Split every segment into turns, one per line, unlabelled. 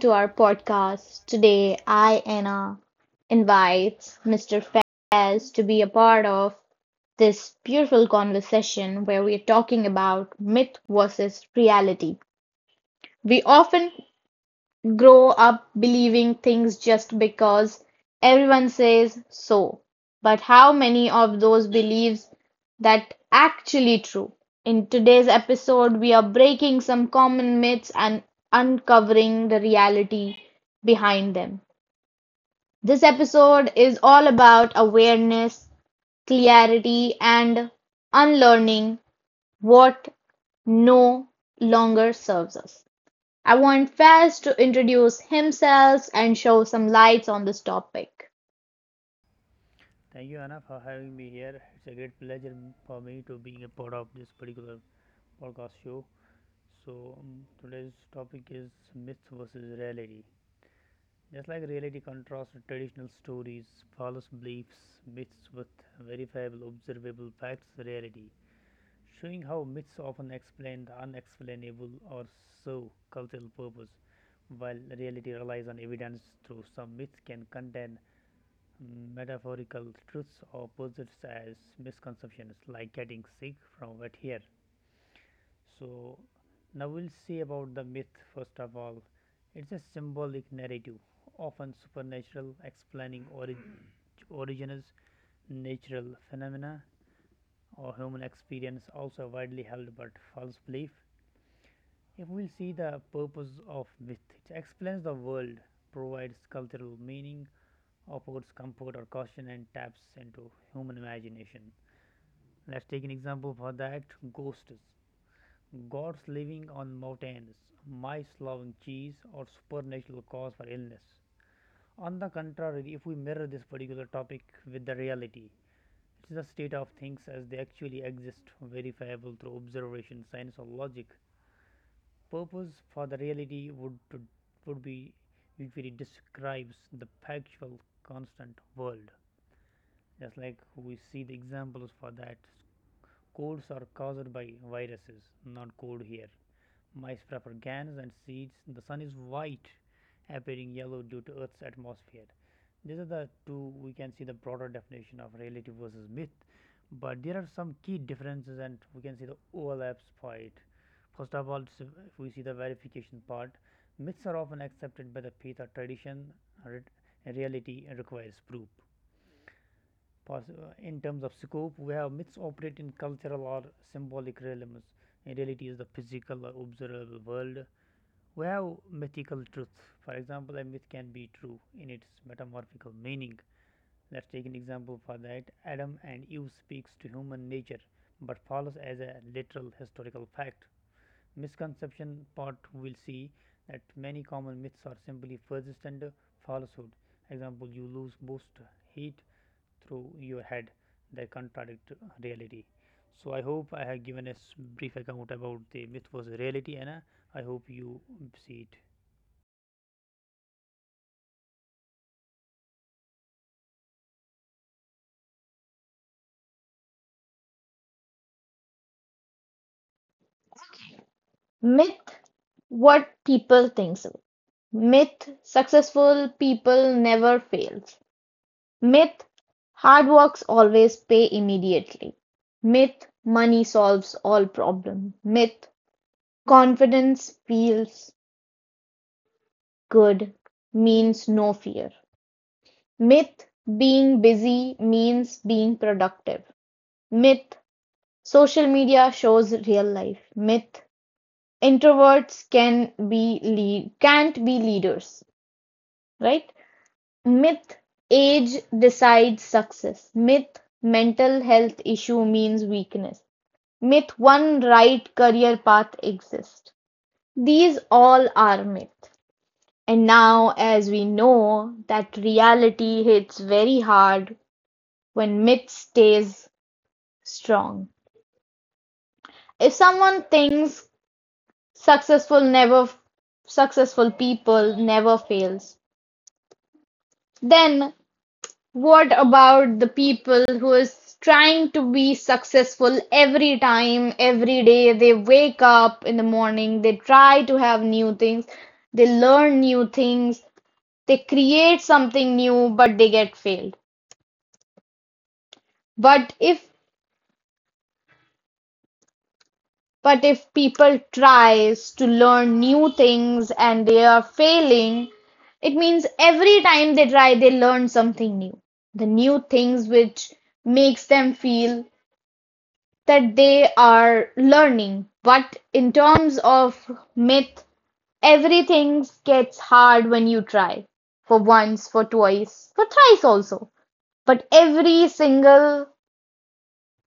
To our podcast, today I Anna invites Mr. Fez to be a part of this beautiful conversation where we are talking about myth versus reality. We often grow up believing things just because everyone says so. But how many of those beliefs that actually true? In today's episode, we are breaking some common myths and uncovering the reality behind them. This episode is all about awareness, clarity, and unlearning what no longer serves us. I want Faz to introduce himself and show some lights on this topic.
Thank you, Anna, for having me here. It's a great pleasure for me to being a part of this particular podcast show. So today's topic is myth versus reality. Just like reality contrasts with traditional stories, false beliefs, myths with verifiable, observable facts, reality, showing how myths often explain the unexplainable or serve cultural purpose, while reality relies on evidence through some myths can contain metaphorical truths opposites as misconceptions like getting sick from wet hair. So now we'll see about the myth. First of all, it's a symbolic narrative, often supernatural, explaining origins, natural phenomena, or human experience, also a widely held but false belief. If we'll see the purpose of myth, it explains the world, provides cultural meaning, offers comfort or caution, and taps into human imagination. Let's take an example for that: ghosts, gods living on mountains, mice loving cheese, or supernatural cause for illness. On the contrary, if we mirror this particular topic with the reality, it is a state of things as they actually exist, verifiable through observation, science, or logic. Purpose for the reality would be usually describes the factual constant world. Just like we see the examples for that, colds are caused by viruses, not cold here, mice prefer gans and seeds, the sun is white appearing yellow due to earth's atmosphere. These are the two we can see the broader definition of reality versus myth, but there are some key differences and we can see the overlaps for it. First of all, if we see the verification part, myths are often accepted by the faith or tradition, reality requires proof. In terms of scope, we have myths operate in cultural or symbolic realms. In reality, is the physical or observable world. We have mythical truth. For example, a myth can be true in its metamorphical meaning. Let's take an example for that. Adam and Eve speaks to human nature, but follows as a literal historical fact. Misconception part, we'll see that many common myths are simply persistent falsehood, example: you lose boost heat through your head. They contradict reality. So I hope I have given a brief account about the myth versus reality, and I hope you see it.
Myth: what people think so. Myth: successful people never fails. Myth: hard works always pay immediately. Myth: money solves all problem. Myth: confidence feels good means no fear. Myth: being busy means being productive. Myth: social media shows real life. Myth: introverts can't be leaders, right? Myth: age decides success. Myth: mental health issue means weakness. Myth: one right career path exists. These all are myth. And now, as we know, that reality hits very hard when myth stays strong. If someone thinks Successful never successful people never fails, then what about the people who is trying to be successful every time, every day? They wake up in the morning, they try to have new things, they learn new things, they create something new, but they get failed. But if But if people tries to learn new things and they are failing, it means every time they try they learn something new. The new things which makes them feel that they are learning. But in terms of myth, everything gets hard when you try. For once, for twice, for thrice also. But every single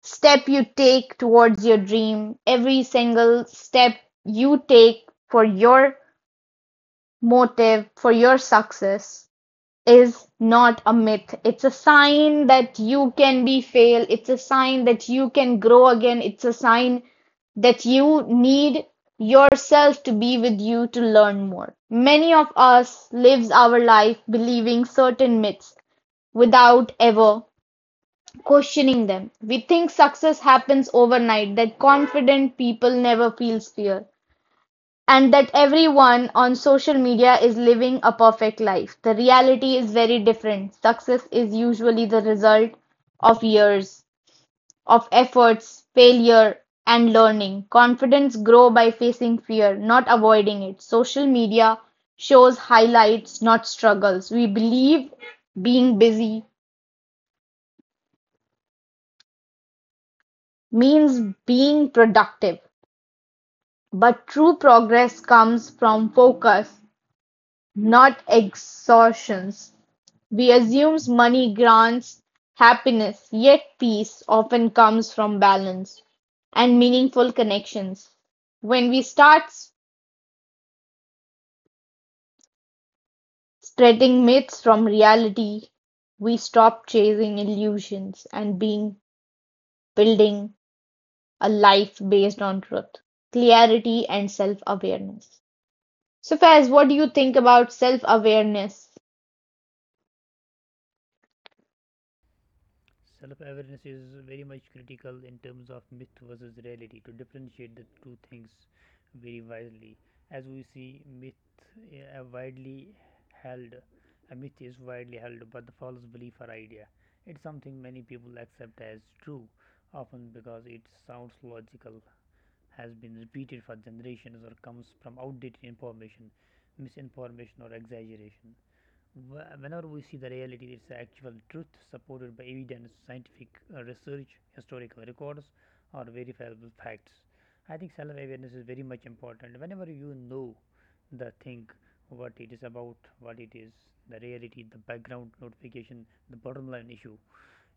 step you take towards your dream, every single step you take for your motive, for your success is not a myth. It's a sign that you can be fail. It's a sign that you can grow again. It's a sign that you need yourself to be with you to learn more. Many of us lives our life believing certain myths without ever questioning them. We think success happens overnight, that confident people never feel fear, and that everyone on social media is living a perfect life. The reality is very different. Success is usually the result of years of efforts, failure, and learning. Confidence grows by facing fear, not avoiding it. Social media shows highlights, not struggles. We believe being busy means being productive, but true progress comes from focus, not exhaustions. We assume money grants happiness, yet peace often comes from balance and meaningful connections. When we start spreading myths from reality, we stop chasing illusions and being building a life based on truth, clarity, and self awareness. So, Faiz, what do you think about self awareness?
Self awareness is very much critical in terms of myth versus reality to differentiate the two things very wisely. As we see, myth eh, widely held. A myth is widely held, but the false belief or idea. It's something many people accept as true, often because it sounds logical, has been repeated for generations, or comes from outdated information, misinformation, or exaggeration. Whenever we see the reality, it's actual truth supported by evidence, scientific research, historical records, or verifiable facts. I think self awareness is very much important. Whenever you know the thing, what it is about, what it is, the reality, the background notification, the bottom line issue,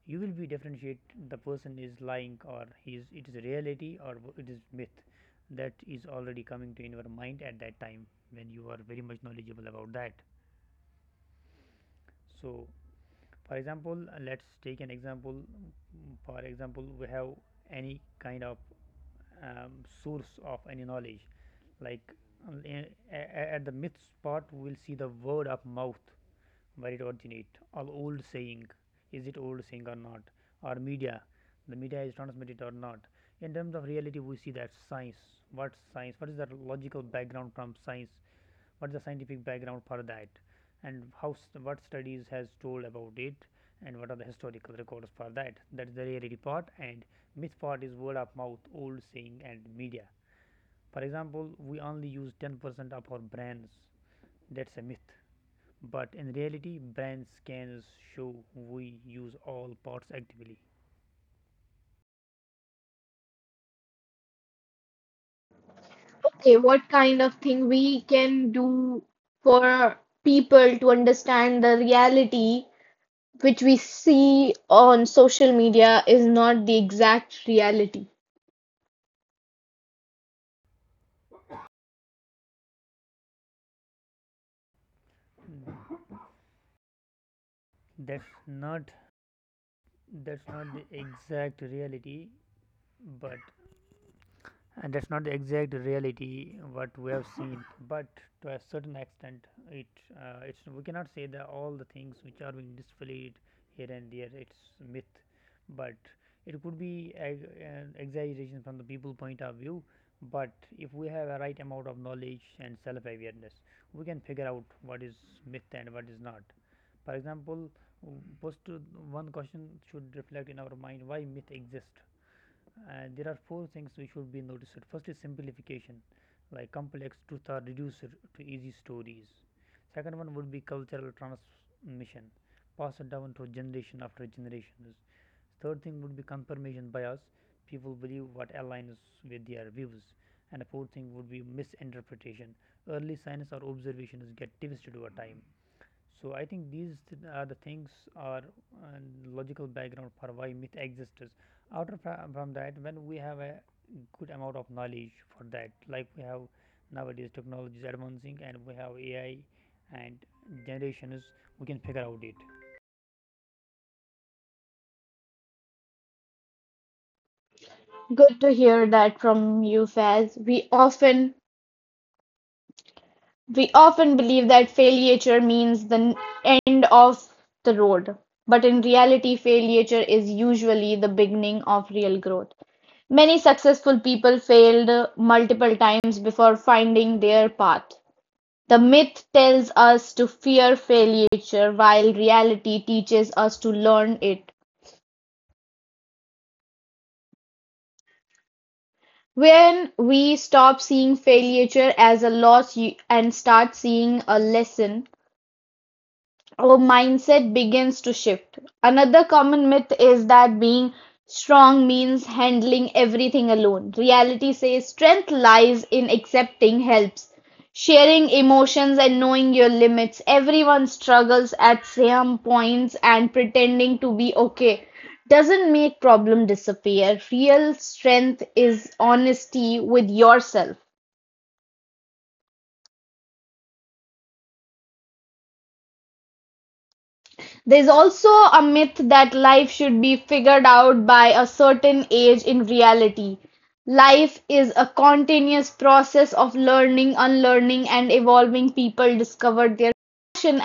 you will be differentiate the person is lying, or he is, it is reality or it is myth. That is already coming to in your mind at that time when you are very much knowledgeable about that. So for example, let's take an example. For example, we have any kind of um, source of any knowledge. Like at the myths part, we'll see the word of mouth, where it originates, or old saying. Is it old saying or not? Or media, the media is transmitted or not? In terms of reality, we see that science. What science? What is the logical background from science? What's the scientific background for that, and how, what studies has told about it, and what are the historical records for that? That's the rarity part, and myth part is word of mouth, old saying, and media. For example, we only use 10% of our brains. That's a myth, but in reality, brain scans show we use all parts actively.
Okay, what kind of thing we can do for people to understand the reality which we see on social media is not the exact reality?
That's not that's not the exact reality. But and that's not the exact reality what we have seen, but to a certain extent it's, we cannot say that all the things which are being displayed here and there it's myth, but it could be an exaggeration from the people point of view. But if we have a right amount of knowledge and self awareness, we can figure out what is myth and what is not. For example, post to one question should reflect in our mind why myth exists. There are four things we should be noticed. First is simplification, like complex truths are reduced to easy stories. Second one would be cultural transmission, passed down to generation after generations. Third thing would be confirmation bias. People believe what aligns with their views. And the fourth thing would be misinterpretation. Early signs or observations get twisted over time. So I think these are the things are uh, logical background for why myth exists. After from that, when we have a good amount of knowledge for that, like we have nowadays technology is advancing and we have AI and generations, we can figure out it.
Good to hear that from you, Faz. We often believe that failure means the end of the road, but in reality, failure is usually the beginning of real growth. Many successful people failed multiple times before finding their path. The myth tells us to fear failure while reality teaches us to learn it. When we stop seeing failure as a loss and start seeing a lesson, our mindset begins to shift. Another common myth is that being strong means handling everything alone. Reality says strength lies in accepting helps, sharing emotions, and knowing your limits. Everyone struggles at some points, and pretending to be okay doesn't make problem disappear. Real strength is honesty with yourself. There's also a myth that life should be figured out by a certain age in reality. Life is a continuous process of learning, unlearning, and evolving. People discover their passion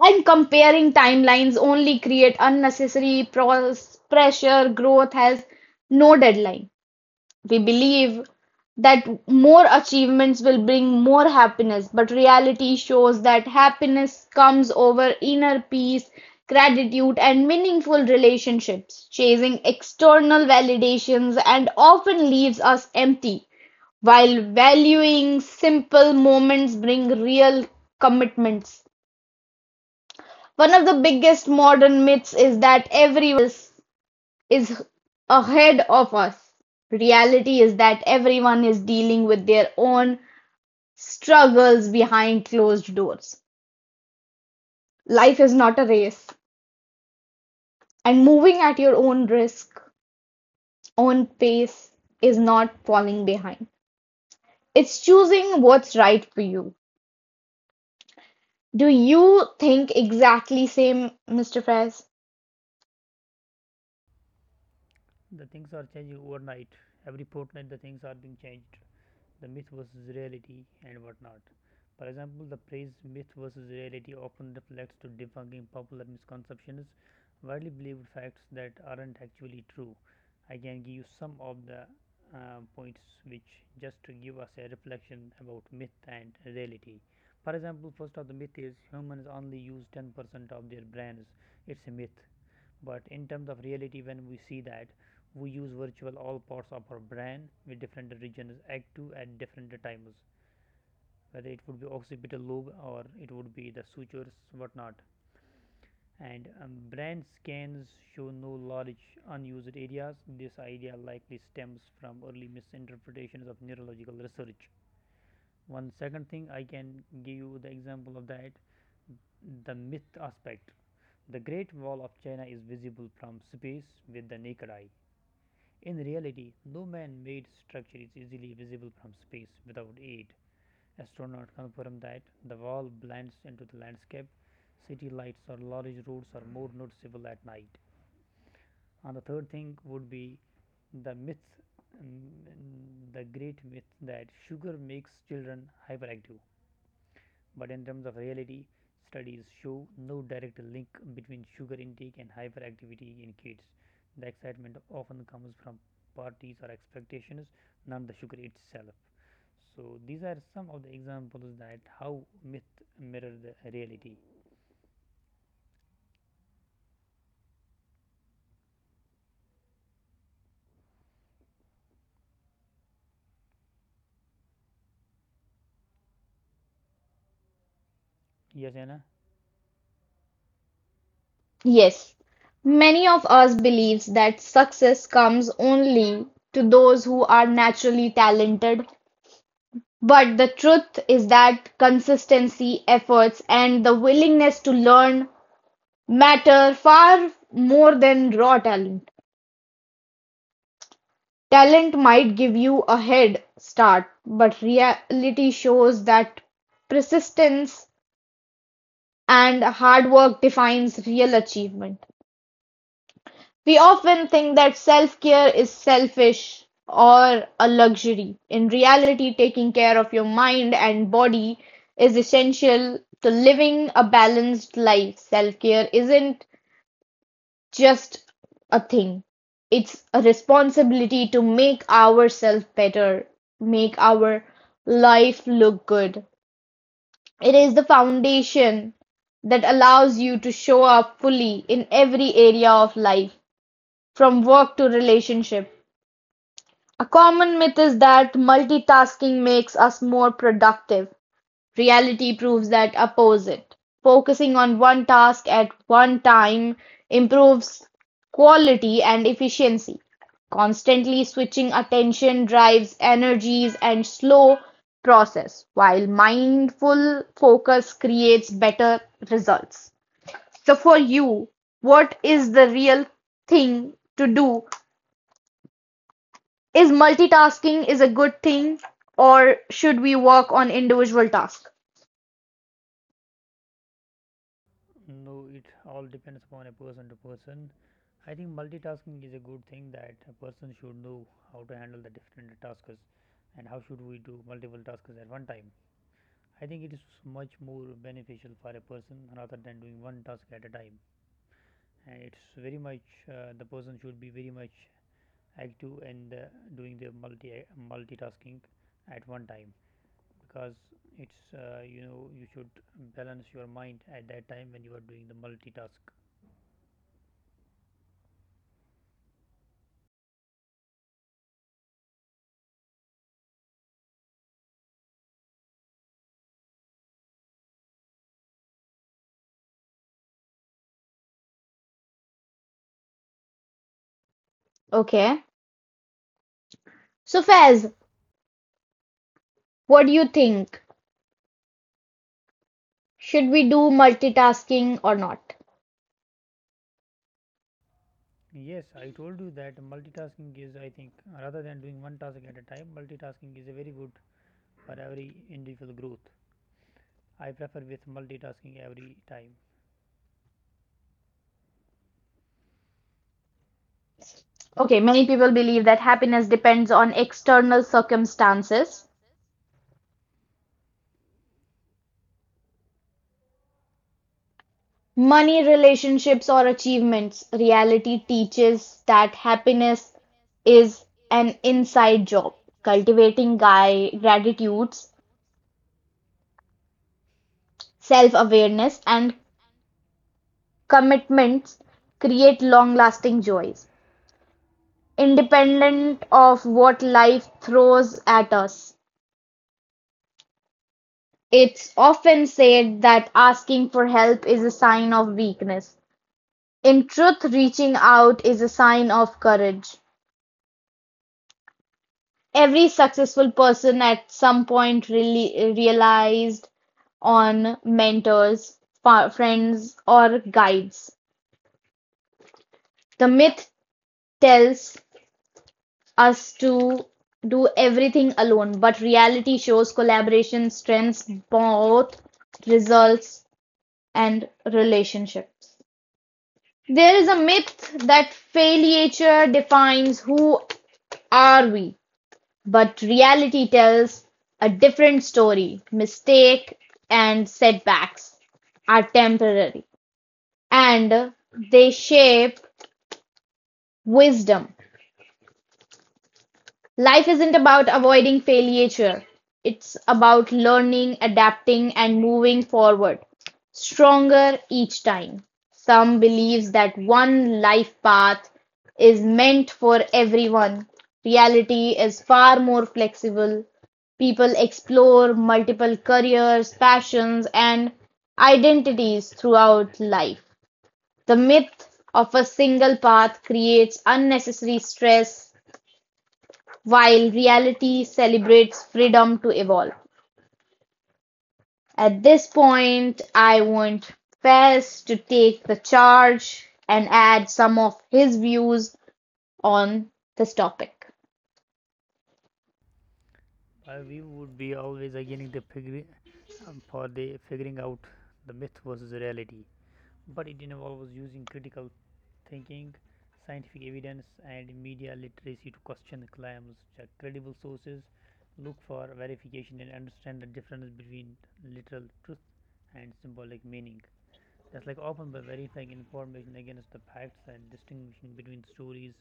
And comparing timelines only create unnecessary pressure. Growth has no deadline. We believe that more achievements will bring more happiness, but reality shows that happiness comes over inner peace, gratitude, and meaningful relationships. Chasing external validations and often leaves us empty, while valuing simple moments bring real commitments. One of the biggest modern myths is that everyone else is ahead of us. Reality is that everyone is dealing with their own struggles behind closed doors. Life is not a race, and moving at your own pace is not falling behind. It's choosing what's right for you. Do you think exactly same, Mr. Fries?
The things are changing overnight. Every fortnight, the things are being changed, the myth versus reality and whatnot. For example, the phrase myth versus reality often reflects to debunking popular misconceptions, widely believed facts that aren't actually true. I can give you some of the points which just to give us a reflection about myth and reality. For example, first of the myth is humans only use 10% of their brains. It's a myth, but in terms of reality, when we see that we use virtual all parts of our brain with different regions active at different times, whether it would be occipital lobe or it would be the sutures whatnot, and brain scans show no large unused areas. This idea likely stems from early misinterpretations of neurological research. One second, thing I can give you the example of that, the myth aspect, the great wall of china is visible from space with the naked eye. In reality, no man made structure is easily visible from space without aid. Astronauts confirm that the wall blends into the landscape, city lights or large roads are more noticeable at night. And the third thing would be the myth, the great myth that sugar makes children hyperactive. But in terms of reality, studies show no direct link between sugar intake and hyperactivity in kids. The excitement often comes from parties or expectations, not the sugar itself. So these are some of the examples that how myth mirror the reality. Yes, Anna.
Yes, many of us believes that success comes only to those who are naturally talented, but the truth is that consistency, efforts, and the willingness to learn matter far more than raw talent. Talent might give you a head start, but reality shows that persistence and hard work defines real achievement. We often think that self-care is selfish or a luxury. In reality, taking care of your mind and body is essential to living a balanced life. Self-care isn't just a thing. It's a responsibility to make ourselves better, make our life look good. It is the foundation that allows you to show up fully in every area of life, from work to relationship. A common myth is that multitasking makes us more productive; reality proves that opposite. Focusing on one task at one time improves quality and efficiency. Constantly switching attention drives energies and slow process, while mindful focus creates better results. So, for you, what is the real thing to do, is multitasking is a good thing or should we work on individual tasks?
No, it all depends upon a person to person. I think multitasking is a good thing that a person should know how to handle the different tasks and how should we do multiple tasks at one time. I think it is much more beneficial for a person rather than doing one task at a time. And it's very much the person should be very much active, and doing the multitasking at one time, because it's you should balance your mind at that time when you are doing the multitask.
Okay. So Fez, what do you think? Should we do multitasking or not?
Yes, I told you that multitasking is, I think, rather than doing one task at a time, multitasking is a very good for every individual growth. I prefer with multitasking every time.
Okay, many people believe that happiness depends on external circumstances. Money, relationships, or achievements. Reality teaches that happiness is an inside job. Cultivating guy gratitudes, self-awareness, and commitments create long-lasting joys, independent of what life throws at us. It's often said that asking for help is a sign of weakness. In truth, reaching out is a sign of courage. Every successful person at some point really realized on mentors, friends, or guides. The myth tells us to do everything alone, but reality shows collaboration strengths, both results and relationships. There is a myth that failure defines who are we, but reality tells a different story. Mistake and setbacks are temporary and they shape wisdom. Life isn't about avoiding failure, it's about learning, adapting, and moving forward, stronger each time. Some believes that one life path is meant for everyone. Reality is far more flexible. People explore multiple careers, passions, and identities throughout life. The myth of a single path creates unnecessary stress, while reality celebrates freedom to evolve. At this point, I want Fez to take the charge and add some of his views on this topic.
But we would be always again the figure for the figuring out the myth versus reality. But it involves using critical thinking, scientific evidence, and media literacy to question the claims, check credible sources, look for verification, and understand the difference between literal truth and symbolic meaning. That's like often by verifying information against the facts and distinguishing between stories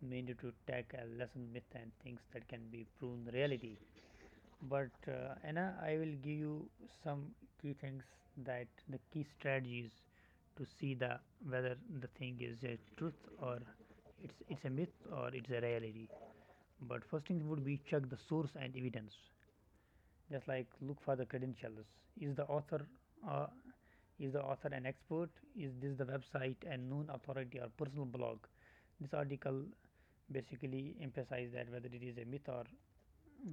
meant to attack a lesson myth and things that can be proven reality. But Anna, I will give you some key things, that the key strategies to see the whether the thing is a truth or it's a myth or it's a reality. But first thing would be check the source and evidence. Just like look for the credentials. Is the author uh, is the author an expert? Is this the website and known authority or personal blog? This article basically emphasizes that whether it is a myth or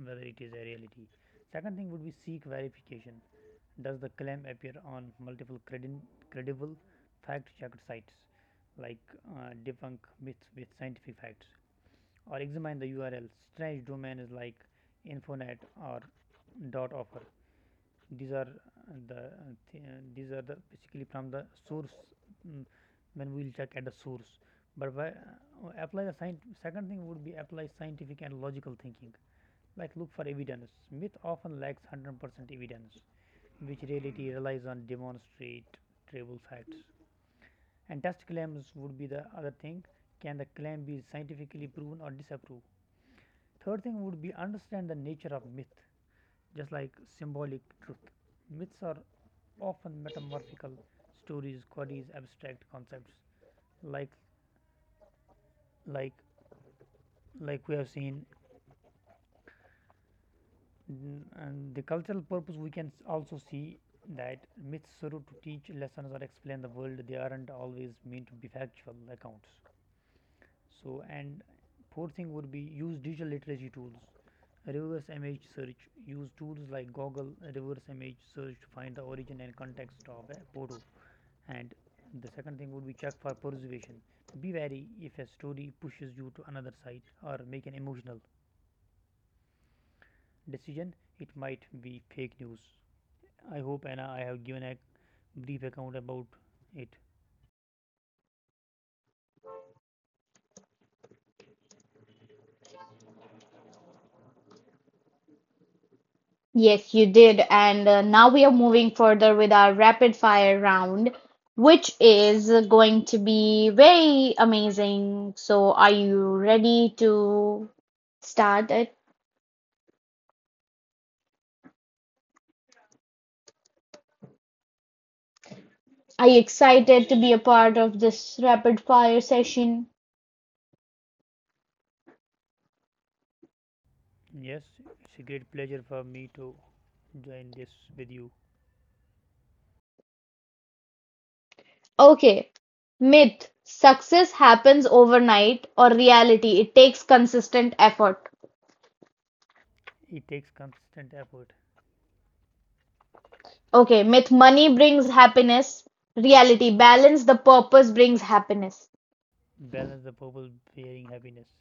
whether it is a reality. Second thing would be seek verification. Does the claim appear on multiple credible, fact-checked sites like debunk myths with scientific facts, or examine the URL? Strange domains like Infonet or dot offer. These are the th- these are the basically from the source. mm, when we'll check at the source. But why, apply the second thing would be apply scientific and logical thinking, like look for evidence. Myth often lacks 100% evidence, which reality relies on demonstrable facts. And test claims would be the other thing. Can the claim be scientifically proven or disproved? Third thing would be understand the nature of myth, just like symbolic truth. Myths are often metamorphical stories queries abstract concepts, like like like we have seen. And the cultural purpose, we can also see that myths serve to teach lessons or explain the world. They aren't always meant to be factual accounts. So, and fourth thing would be use digital literacy tools. Reverse image search, use tools like Google reverse image search to find the origin and context of a photo. And the second thing would be check for persuasion. Be wary if a story pushes you to another site or make an emotional decision. It might be fake news. I hope, Anna, I have given a brief account about it.
Yes, you did. And now we are moving further with our rapid fire round, which is going to be very amazing. So, are you ready to start it? Are you excited to be a part of this rapid fire session?
Yes, it's a great pleasure for me to join this with you.
Okay, myth: success happens overnight, or reality: it takes consistent effort.
It takes constant effort.
Okay, myth: money brings happiness, reality: balance the purpose brings happiness.
Balance the purpose bearing happiness.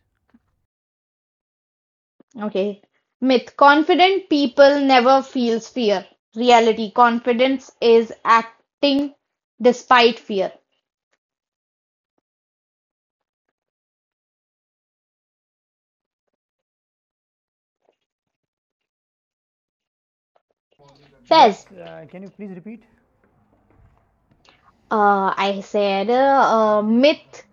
Okay, myth: confident people never feels fear, reality: confidence is acting despite fear.
Yes,
Fez,
can you please repeat?
I said myth: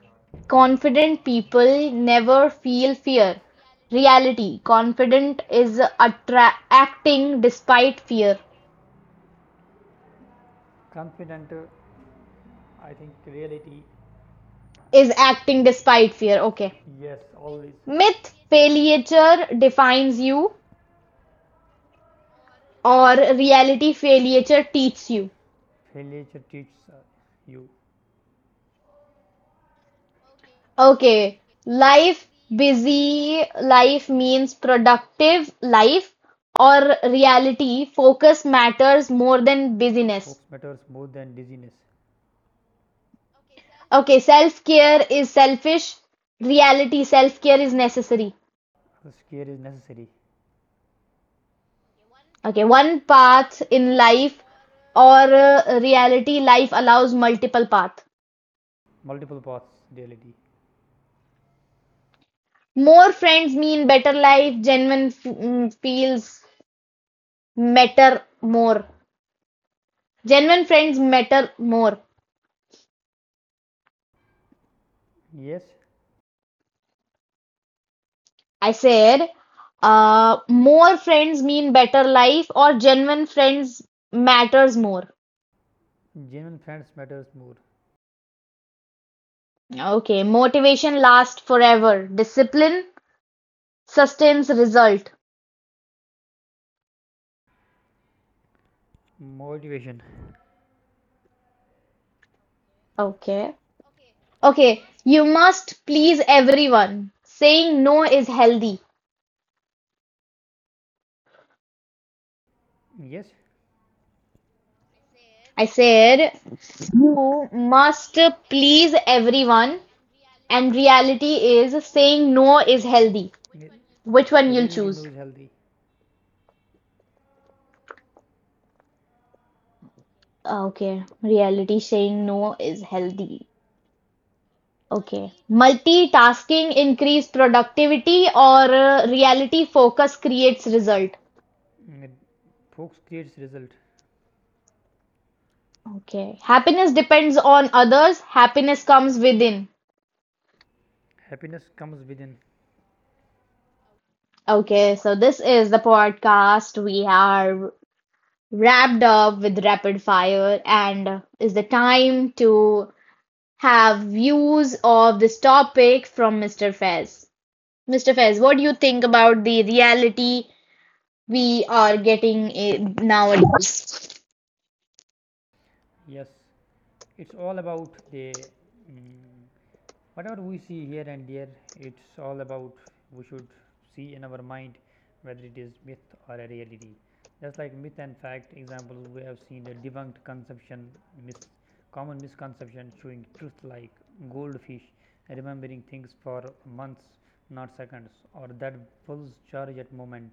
confident people never feel fear. Reality: confident is attra acting despite fear.
Confident, I think reality.
Is acting despite fear. Okay.
Yes, always.
Myth: failure defines you, or reality: failure teaches you.
You. Failure teaches you.
Okay. Life: busy life means productive life, or reality: focus matters more than busyness.
Focus matters more than dizziness.
Okay, self-care is selfish. Reality, self-care is necessary.
Scare is necessary.
Okay, one path in life or reality, life allows multiple path.
Multiple paths, reality.
More friends mean better life. Feels matter more. Genuine friends matter more.
Yes,
I said, more friends mean better life or genuine friends matters more.
genuine friends matters more.
Okay, motivation lasts forever. Discipline sustains result.
Motivation.
Okay. Okay. You must please everyone. Saying no is healthy.
Yes,
I said you must please everyone, and reality is saying no is healthy.
it,
Which one
it
you'll
really
choose?
knows healthy.
Ah, okay. Reality saying no is healthy. Okay. Multitasking increase productivity or reality focus creates result.
It, folks creates result.
Okay. Happiness depends on others. Happiness comes within.
Happiness comes within.
Okay, so this is the podcast. We are wrapped up with rapid fire, and is the time to have views of this topic from Mr. Fez. Mr. Fez, what do you think about the reality we are getting in nowadays?
Yes, it's all about the mm, whatever we see here and there. It's all about we should see in our mind whether it is myth or a reality. Just like myth and fact examples, we have seen a debunked conception, mis- common misconception showing truth like goldfish remembering things for months not seconds, or that bull's charge at moment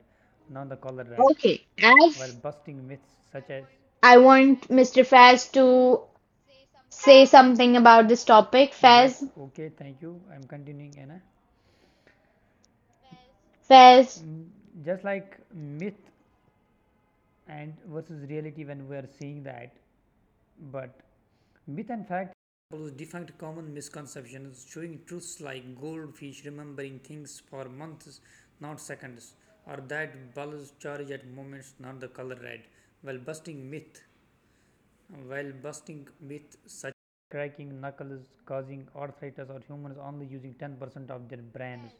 not the color red,
Okay, as
while busting myths such as,
I want Mr. Fez to say something about this topic,
yes,
Fez,
okay, thank you. I'm continuing, Anna.
Fez,
Mm, just like myth and versus reality, when we are seeing that. But myth and fact follows defunct common misconceptions showing truths like goldfish remembering things for months not seconds, or that bulbs charge at moments not the color red, while busting myth, such cracking knuckles causing arthritis or humans only using 10% of their brains.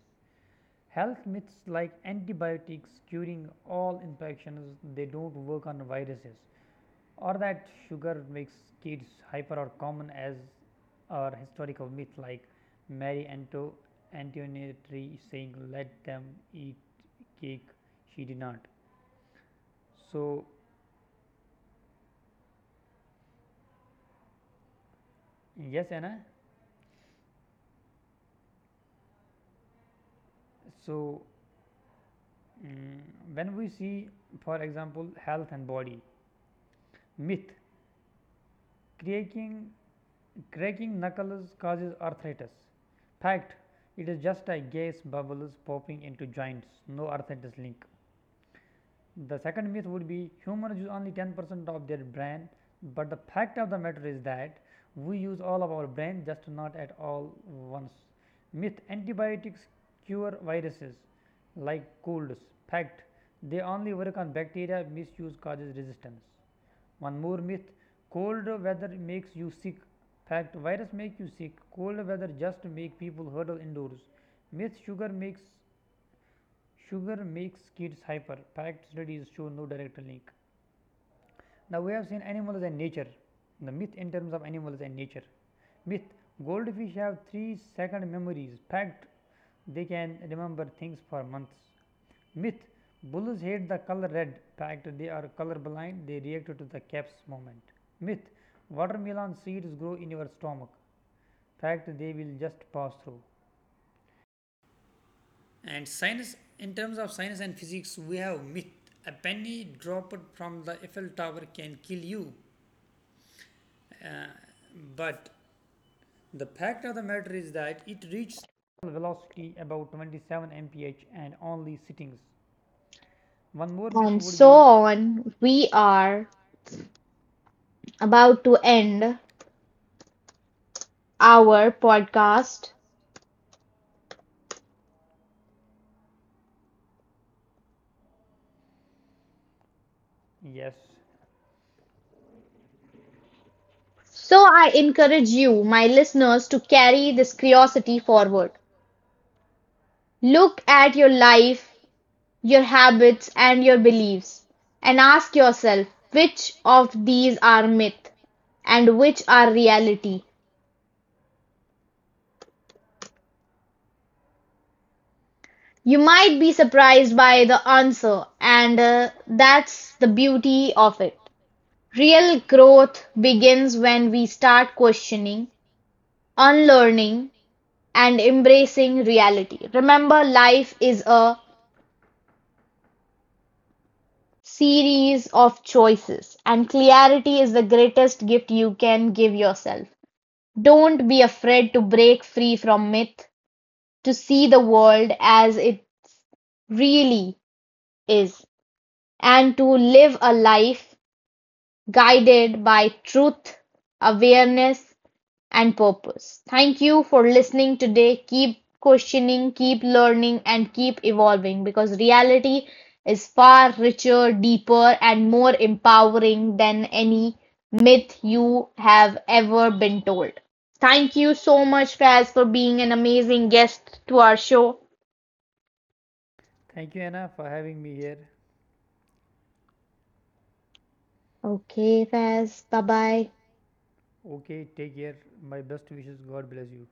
Health myths like antibiotics curing all infections, they don't work on viruses, or that sugar makes kids hyper are common, as are historical myth like Mary Antoinette saying let them eat cake, she did not. So yes, Anna, so mm, when we see, for example, health and body myth. Creating cracking knuckles causes arthritis. Fact, it is just a gas bubbles popping into joints, no arthritis link. The second myth would be humans use only 10% of their brain, but the fact of the matter is that we use all of our brain, just not at all once. Myth, antibiotics cure viruses like colds. Fact, they only work on bacteria, misuse causes resistance. One more myth, cold weather makes you sick. Fact, virus make you sick. Cold weather just make people huddle indoors. Myth, sugar makes kids hyper. Fact, studies show no direct link. Now we have seen animals and nature, the myth in terms of animals and nature. Myth, goldfish have 3 second memories. Fact, they can remember things for months. Myth, bulls hate the color red. Fact, they are color blind. They react to the caps moment. Myth, watermelon seeds grow in your stomach. Fact, they will just pass through. And science, in terms of science and physics, we have myth. A penny dropped from the Eiffel Tower can kill you, but the fact of the matter is that it reached velocity about 27 mph and only sittings. One more myth
and
would
so
be, so,
on. We
we are...
are about to end our podcast.
yes.
So I encourage you, my listeners, to carry this curiosity forward. Look at your life, your habits, and your beliefs, and ask yourself which of these are myth and which are reality. You might be surprised by the answer, and that's the beauty of it. Real growth begins when we start questioning, unlearning, and embracing reality. Remember, life is a series of choices, and clarity is the greatest gift you can give yourself. Don't be afraid to break free from myth, to see the world as it really is, and to live a life guided by truth, awareness, and purpose. Thank you for listening today. Keep questioning, keep learning, and keep evolving because reality is far richer, deeper, and more empowering than any myth you have ever been told. Thank you so much, Faz, for being an amazing guest to our show.
Thank you, Anna, for having me here.
Okay, Faz, bye bye.
Okay, take care. My best wishes. God bless you.